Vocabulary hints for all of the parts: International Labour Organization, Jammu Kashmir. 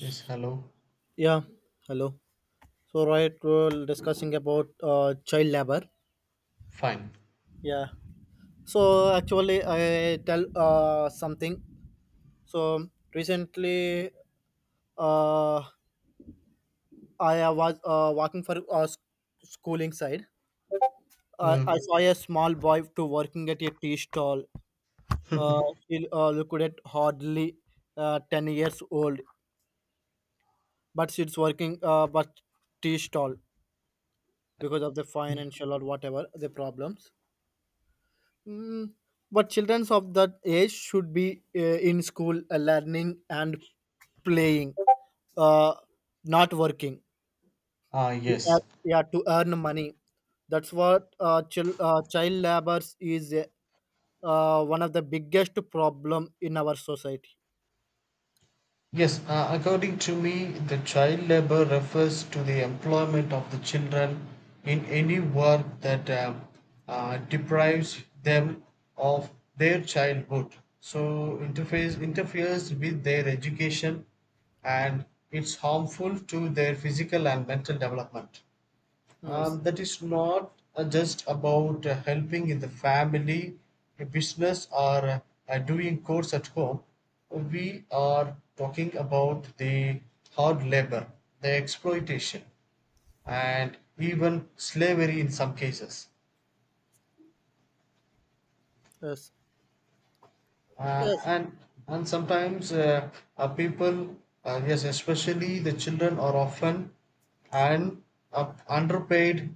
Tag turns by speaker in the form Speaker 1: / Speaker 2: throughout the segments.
Speaker 1: Yes, hello.
Speaker 2: Yeah, hello. So, right, we're discussing about child labor.
Speaker 1: Fine.
Speaker 2: Yeah. So, actually, I tell something. So, recently, uh, I was walking for schooling side. I
Speaker 1: Mm.
Speaker 2: saw a small boy to working at a tea stall. Uh, he looked at hardly 10 years old, but she's working but tea stall because of the financial or whatever the problems. Mm, but children of that age should be in school learning and playing, uh, not working. Yeah,
Speaker 1: Yes.
Speaker 2: yeah, to earn money. That's what child labors is one of the biggest problem in our society.
Speaker 1: Yes, according to me, the child labor refers to the employment of the children in any work that deprives them of their childhood. So, interface interferes with their education, and it's harmful to their physical and mental development.
Speaker 2: Yes,
Speaker 1: That is not just about helping in the family, a business, or doing chores at home. We are talking about the hard labor, the exploitation, and even slavery in some cases.
Speaker 2: yes,
Speaker 1: Uh, and and sometimes people, yes, especially the children, are often and underpaid,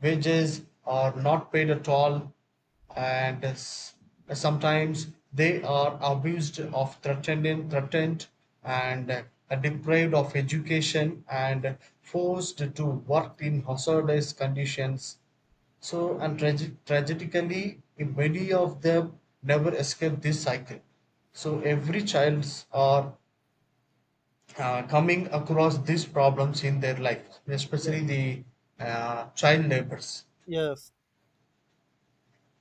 Speaker 1: wages are not paid at all, and sometimes they are abused of threatened threatened, and deprived of education and forced to work in hazardous conditions. So and tragically many of them never escape this cycle. So every childs are coming across these problems in their life,
Speaker 2: yes,
Speaker 1: especially the child labors.
Speaker 2: yes.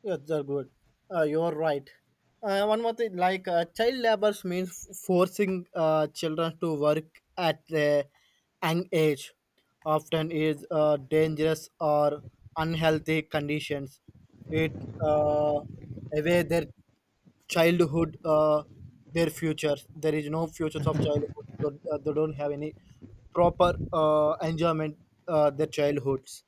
Speaker 2: Yes, they're good. You're right. One more thing, like child labor means forcing children to work at a young age, often is dangerous or unhealthy conditions. It uh, away their childhood, their futures. There is no futures of childhood. They, they don't have any proper enjoyment. Their childhoods,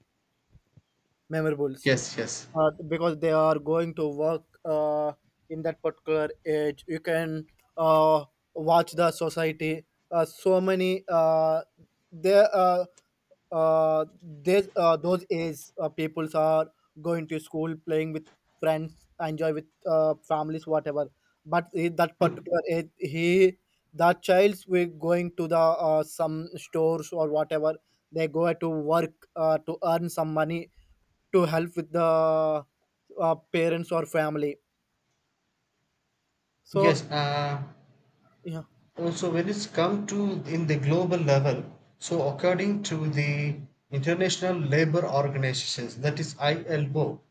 Speaker 2: memorables
Speaker 1: Yes, yes.
Speaker 2: because they are going to work in that particular age. You can uh, watch the society. So many they uh, uh, they those age peoples are going to school, playing with friends, enjoy with families, whatever. But in that particular age, he that child's we going to the some stores or whatever they go to work to earn some money to help with the parents or family. So
Speaker 1: Yes,
Speaker 2: yeah,
Speaker 1: also when it's come to in the global level, so according to the International Labour Organizations, that is ILO,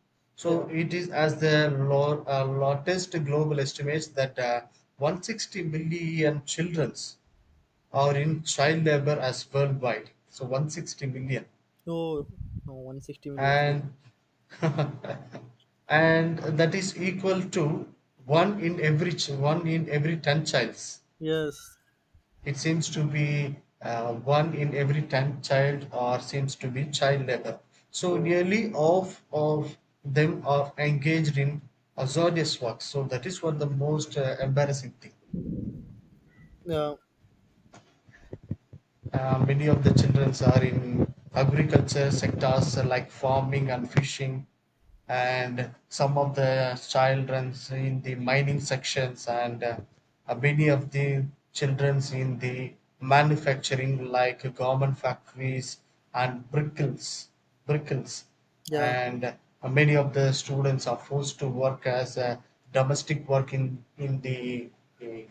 Speaker 2: yeah.
Speaker 1: so it is as the law, latest global estimates that 160 million childrens are in child labor as worldwide. So 160 million,
Speaker 2: Oh, no, 160 million.
Speaker 1: and and that is equal to one in every 10 childs.
Speaker 2: Yes.
Speaker 1: It seems to be one in every 10 child or seems to be child labor. So
Speaker 2: Yeah.
Speaker 1: nearly half of them are engaged in hazardous work. So that is what the most embarrassing thing.
Speaker 2: Yeah.
Speaker 1: Many of the children are in agriculture sectors like farming and fishing, and some of the children in the mining sections, and many of the children in the manufacturing like garment factories and brickles,
Speaker 2: Yeah.
Speaker 1: and many of the students are forced to work as a domestic work in the uh,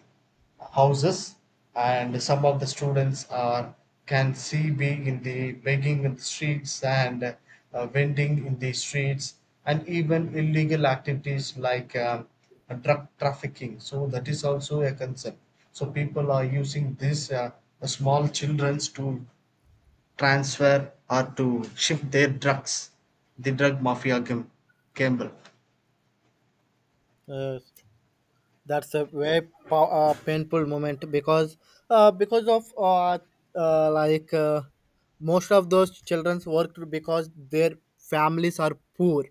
Speaker 1: houses, and some of the students are can see be in the begging in the streets and vending in the streets and even illegal activities like drug trafficking, so that is also a concern. So people are using these small childrens to transfer or to shift their drugs, the drug mafia gamble.
Speaker 2: Yes. That's a very painful moment because of like most of those childrens worked because their families are poor.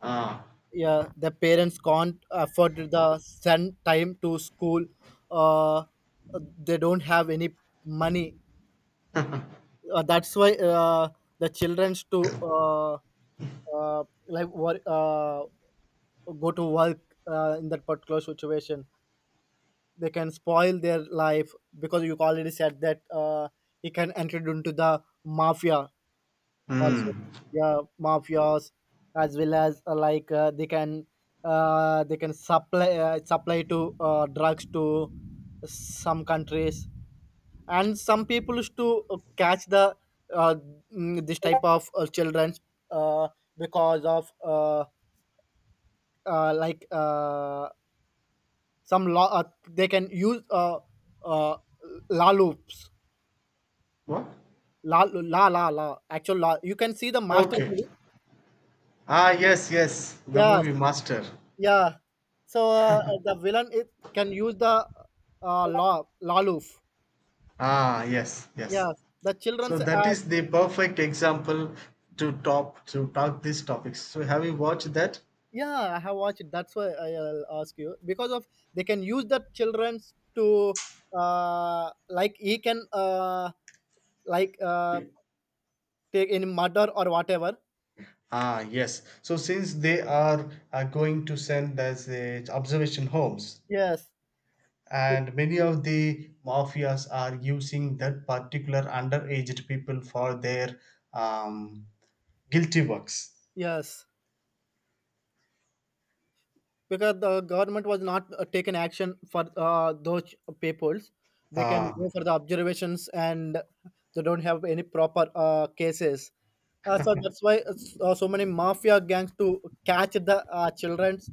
Speaker 1: Ah.
Speaker 2: Yeah, the parents can't afford the send time to school. Uh, they don't have any money that's why the childrens to uh, like wor- uh, go to work in that particular situation they can spoil their life because you already said that he can enter into the mafia
Speaker 1: Hmm.
Speaker 2: also, yeah, mafias as well as they can supply to drugs to some countries, and some people used to catch the uh, this type of children uh, because of like some law they can use uh, la loops
Speaker 1: What?
Speaker 2: la la la la actual la. You can see the Master
Speaker 1: Okay.
Speaker 2: movie.
Speaker 1: Ah, yes, yes, the
Speaker 2: Yes,
Speaker 1: movie Master.
Speaker 2: yeah, so the villain it can use the law la loof.
Speaker 1: Ah, yes, yes.
Speaker 2: Yes, the
Speaker 1: So
Speaker 2: children's
Speaker 1: that is the perfect example to talk these topics. So have you watched that?
Speaker 2: yeah, I have watched it. That's why I- will ask you because of they can use the childrens to like he can like uh take any murder or whatever.
Speaker 1: Ah, yes. So since they are going to send us observation homes,
Speaker 2: Yes. Be-
Speaker 1: and many of the mafias are using that particular underaged people for their um, guilty works.
Speaker 2: yes, because the government was not taken action for those peoples. They can
Speaker 1: Ah.
Speaker 2: go for the observations and they don't have any proper cases. So so many mafia gangs to catch the childrens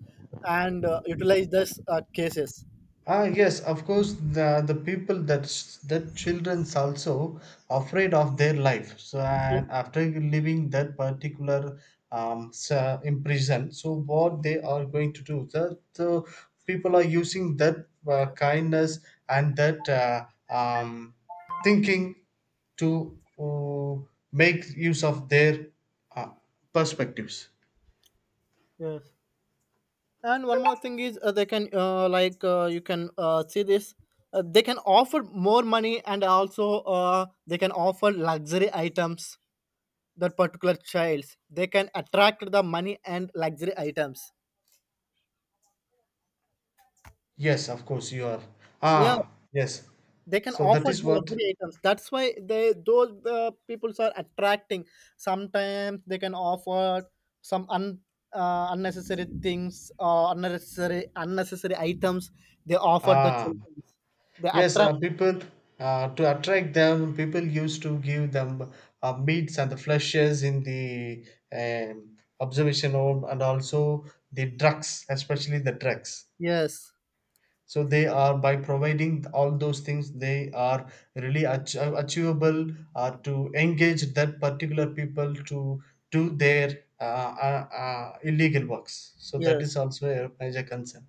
Speaker 2: and utilize this cases.
Speaker 1: Ah, yes, of course, the people that that children's also afraid of their life. So, and after leaving that particular so in prison, so what they are going to do? That, so people are using that kindness and that um thinking to make use of their uh, perspectives.
Speaker 2: Yes, and one more thing is they can like you can see this. They can offer more money and also they can offer luxury items that particular childs. They can attract the money and luxury items.
Speaker 1: Yes, of course, you are.
Speaker 2: Yeah,
Speaker 1: Ah, yes.
Speaker 2: they can
Speaker 1: So that
Speaker 2: offer
Speaker 1: is
Speaker 2: the
Speaker 1: what.
Speaker 2: luxury items, that's why they those peoples are attracting. Sometimes they can offer some unnecessary things or unnecessary items they offer the
Speaker 1: Ah.
Speaker 2: children, they
Speaker 1: Yes,
Speaker 2: attract.
Speaker 1: people to attract them, people used to give them meats and the fleshes in the observation home, and also the drugs, especially the drugs.
Speaker 2: Yes,
Speaker 1: So they are by providing all those things, they are really achievable to engage that particular people to do their illegal works. So that
Speaker 2: yes.
Speaker 1: is also a major concern.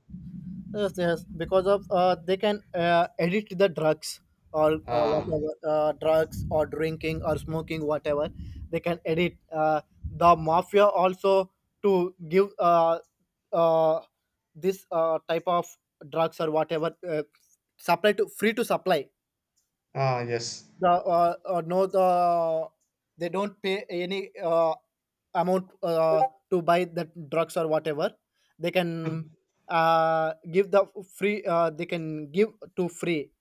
Speaker 2: Yes, yes, because of they can edit the drugs or
Speaker 1: Ah,
Speaker 2: whatever drugs or drinking or smoking whatever they can edit. The mafia also to give uh, this type of drugs or whatever supply to free to supply
Speaker 1: ah, yes.
Speaker 2: the no the they don't pay any amount to buy the drugs or whatever they can give the free they can give to free.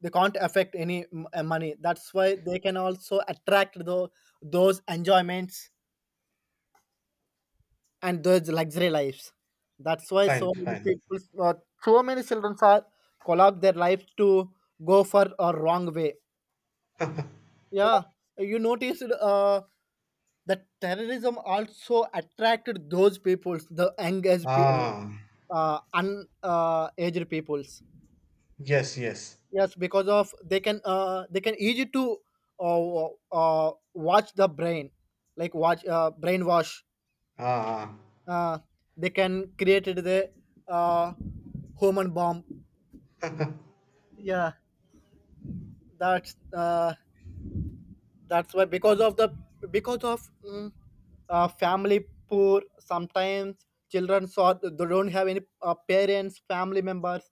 Speaker 2: They can't affect any money, that's why they can also attract the those enjoyments and those luxury lives. That's why
Speaker 1: Fine,
Speaker 2: so many
Speaker 1: fine.
Speaker 2: people so many children are collapse their lives to go for a wrong way. Yeah, you noticed that terrorism also attracted those peoples, the engaged pe-
Speaker 1: Ah,
Speaker 2: un aged peoples.
Speaker 1: yes, yes.
Speaker 2: Yes, because of they can easy to watch the brain, like watch brainwash.
Speaker 1: Ah, ah.
Speaker 2: uh they can created the uh human bomb. Yeah, that's uh that's why because of the because of mm, family poor sometimes children, so they don't have any parents, family members.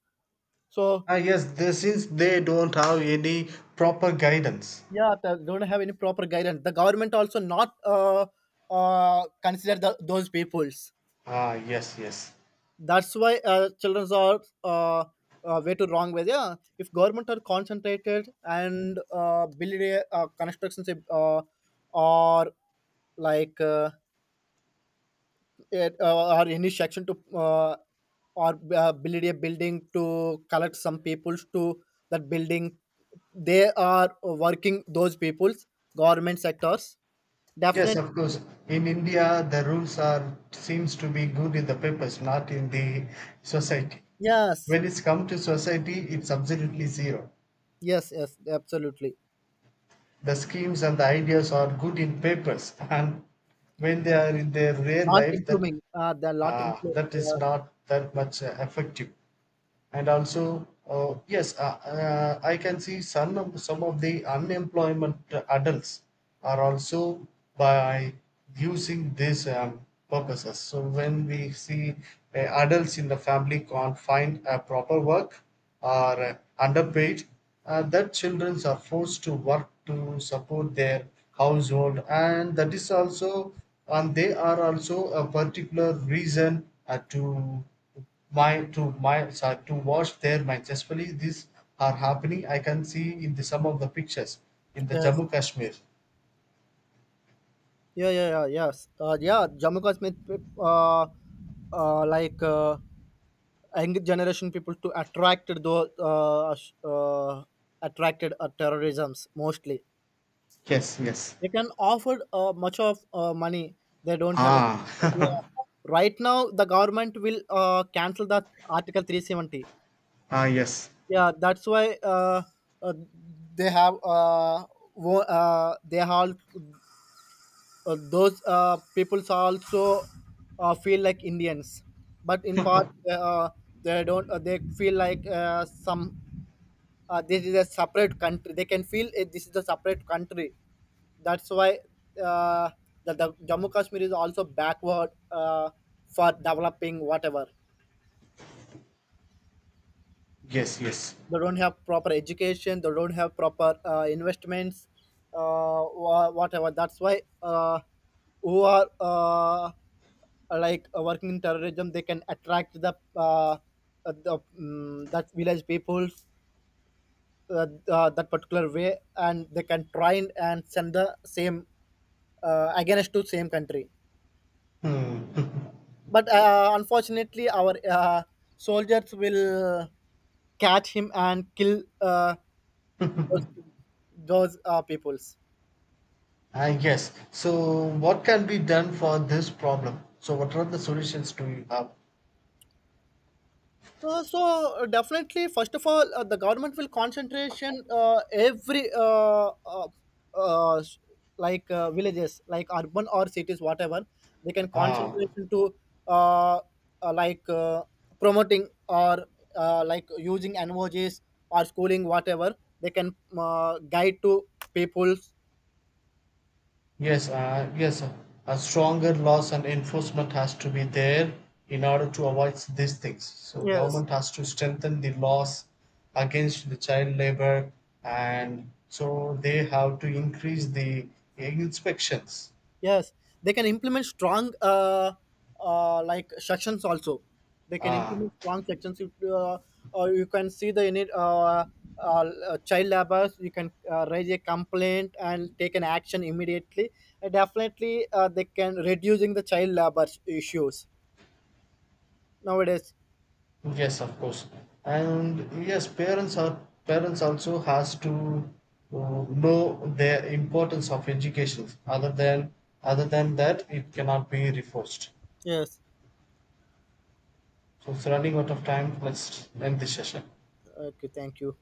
Speaker 2: So
Speaker 1: Ah, yes. They, since they don't have any proper guidance.
Speaker 2: yeah, they don't have any proper guidance. The government also not consider the those peoples,
Speaker 1: Ah, yes, yes,
Speaker 2: that's why children are way too wrong way. Yeah, if government are concentrated and build a constructions, or like uh, or any section to or build a building to collect some peoples to that building, they are working those peoples government sectors,
Speaker 1: yes.
Speaker 2: definitely.
Speaker 1: Of course, in India, the rules are seems to be good in the papers, not in the society.
Speaker 2: Yes,
Speaker 1: When it's come to society, it's absolutely zero.
Speaker 2: yes, yes, absolutely.
Speaker 1: The schemes and the ideas are good in papers, and when they are in their real
Speaker 2: Not
Speaker 1: life, that
Speaker 2: improving, they're not
Speaker 1: ah,
Speaker 2: improving.
Speaker 1: that is
Speaker 2: Yeah,
Speaker 1: not that much effective. And also yes, I can see some of the unemployment adults are also by using these purposes. So when we see adults in the family can't find a proper work, or underpaid, that children are forced to work to support their household, and that is also and they are also a particular reason to my sorry, to wash their minds. Especially these are happening. I can see in the some of the pictures in the
Speaker 2: yes,
Speaker 1: Jammu Kashmir.
Speaker 2: yeah, yeah, yeah, yes, yeah, Jammu Kashmir uh like uh younger generation people to attracted those attracted terrorisms mostly.
Speaker 1: Yes, yes.
Speaker 2: They can offer much of money, they don't have any.
Speaker 1: Ah,
Speaker 2: Yeah, right now the government will cancel that article 370.
Speaker 1: ah, yes.
Speaker 2: Yeah, that's why uh, they have they all those peoples also feel like Indians, but in part uh, they don't they feel like some this is a separate country, they can feel it, this is a separate country. That's why uh, the Jammu Kashmir is also backward for developing whatever.
Speaker 1: Yes, yes.
Speaker 2: They don't have proper education. They don't have proper investments. Whatever. That's why who are working in terrorism, they can attract the that village people that particular way, and they can train and send the same against to same country.
Speaker 1: Hmm.
Speaker 2: But unfortunately our soldiers will catch him and kill those, those peoples.
Speaker 1: I guess. So, what can be done for this problem? So, what are the solutions do you have?
Speaker 2: So definitely, first of all, the government will concentration every s- like villages, like urban or cities, whatever, they can
Speaker 1: Ah.
Speaker 2: concentration to uh, uh, like uh, promoting or like using NVOGs or schooling, whatever, they can guide to people's.
Speaker 1: Yes, a stronger laws and enforcement has to be there in order to avoid these things. So
Speaker 2: Yes.
Speaker 1: government has to strengthen the laws against the child labor, and so they have to increase the inspections.
Speaker 2: Yes, they can implement strong sections also. They can
Speaker 1: Uh,
Speaker 2: implement strong sections. Or you can see the uh, child laborers. You can raise a complaint and take an action immediately. Definitely, they can reducing the child labor issues nowadays.
Speaker 1: yes, of course, and yes, parents also has to uh, know the importance of education. Other than that, it cannot be reforced.
Speaker 2: Yes.
Speaker 1: So it's running out of time. Let's end this session.
Speaker 2: Okay. Thank you.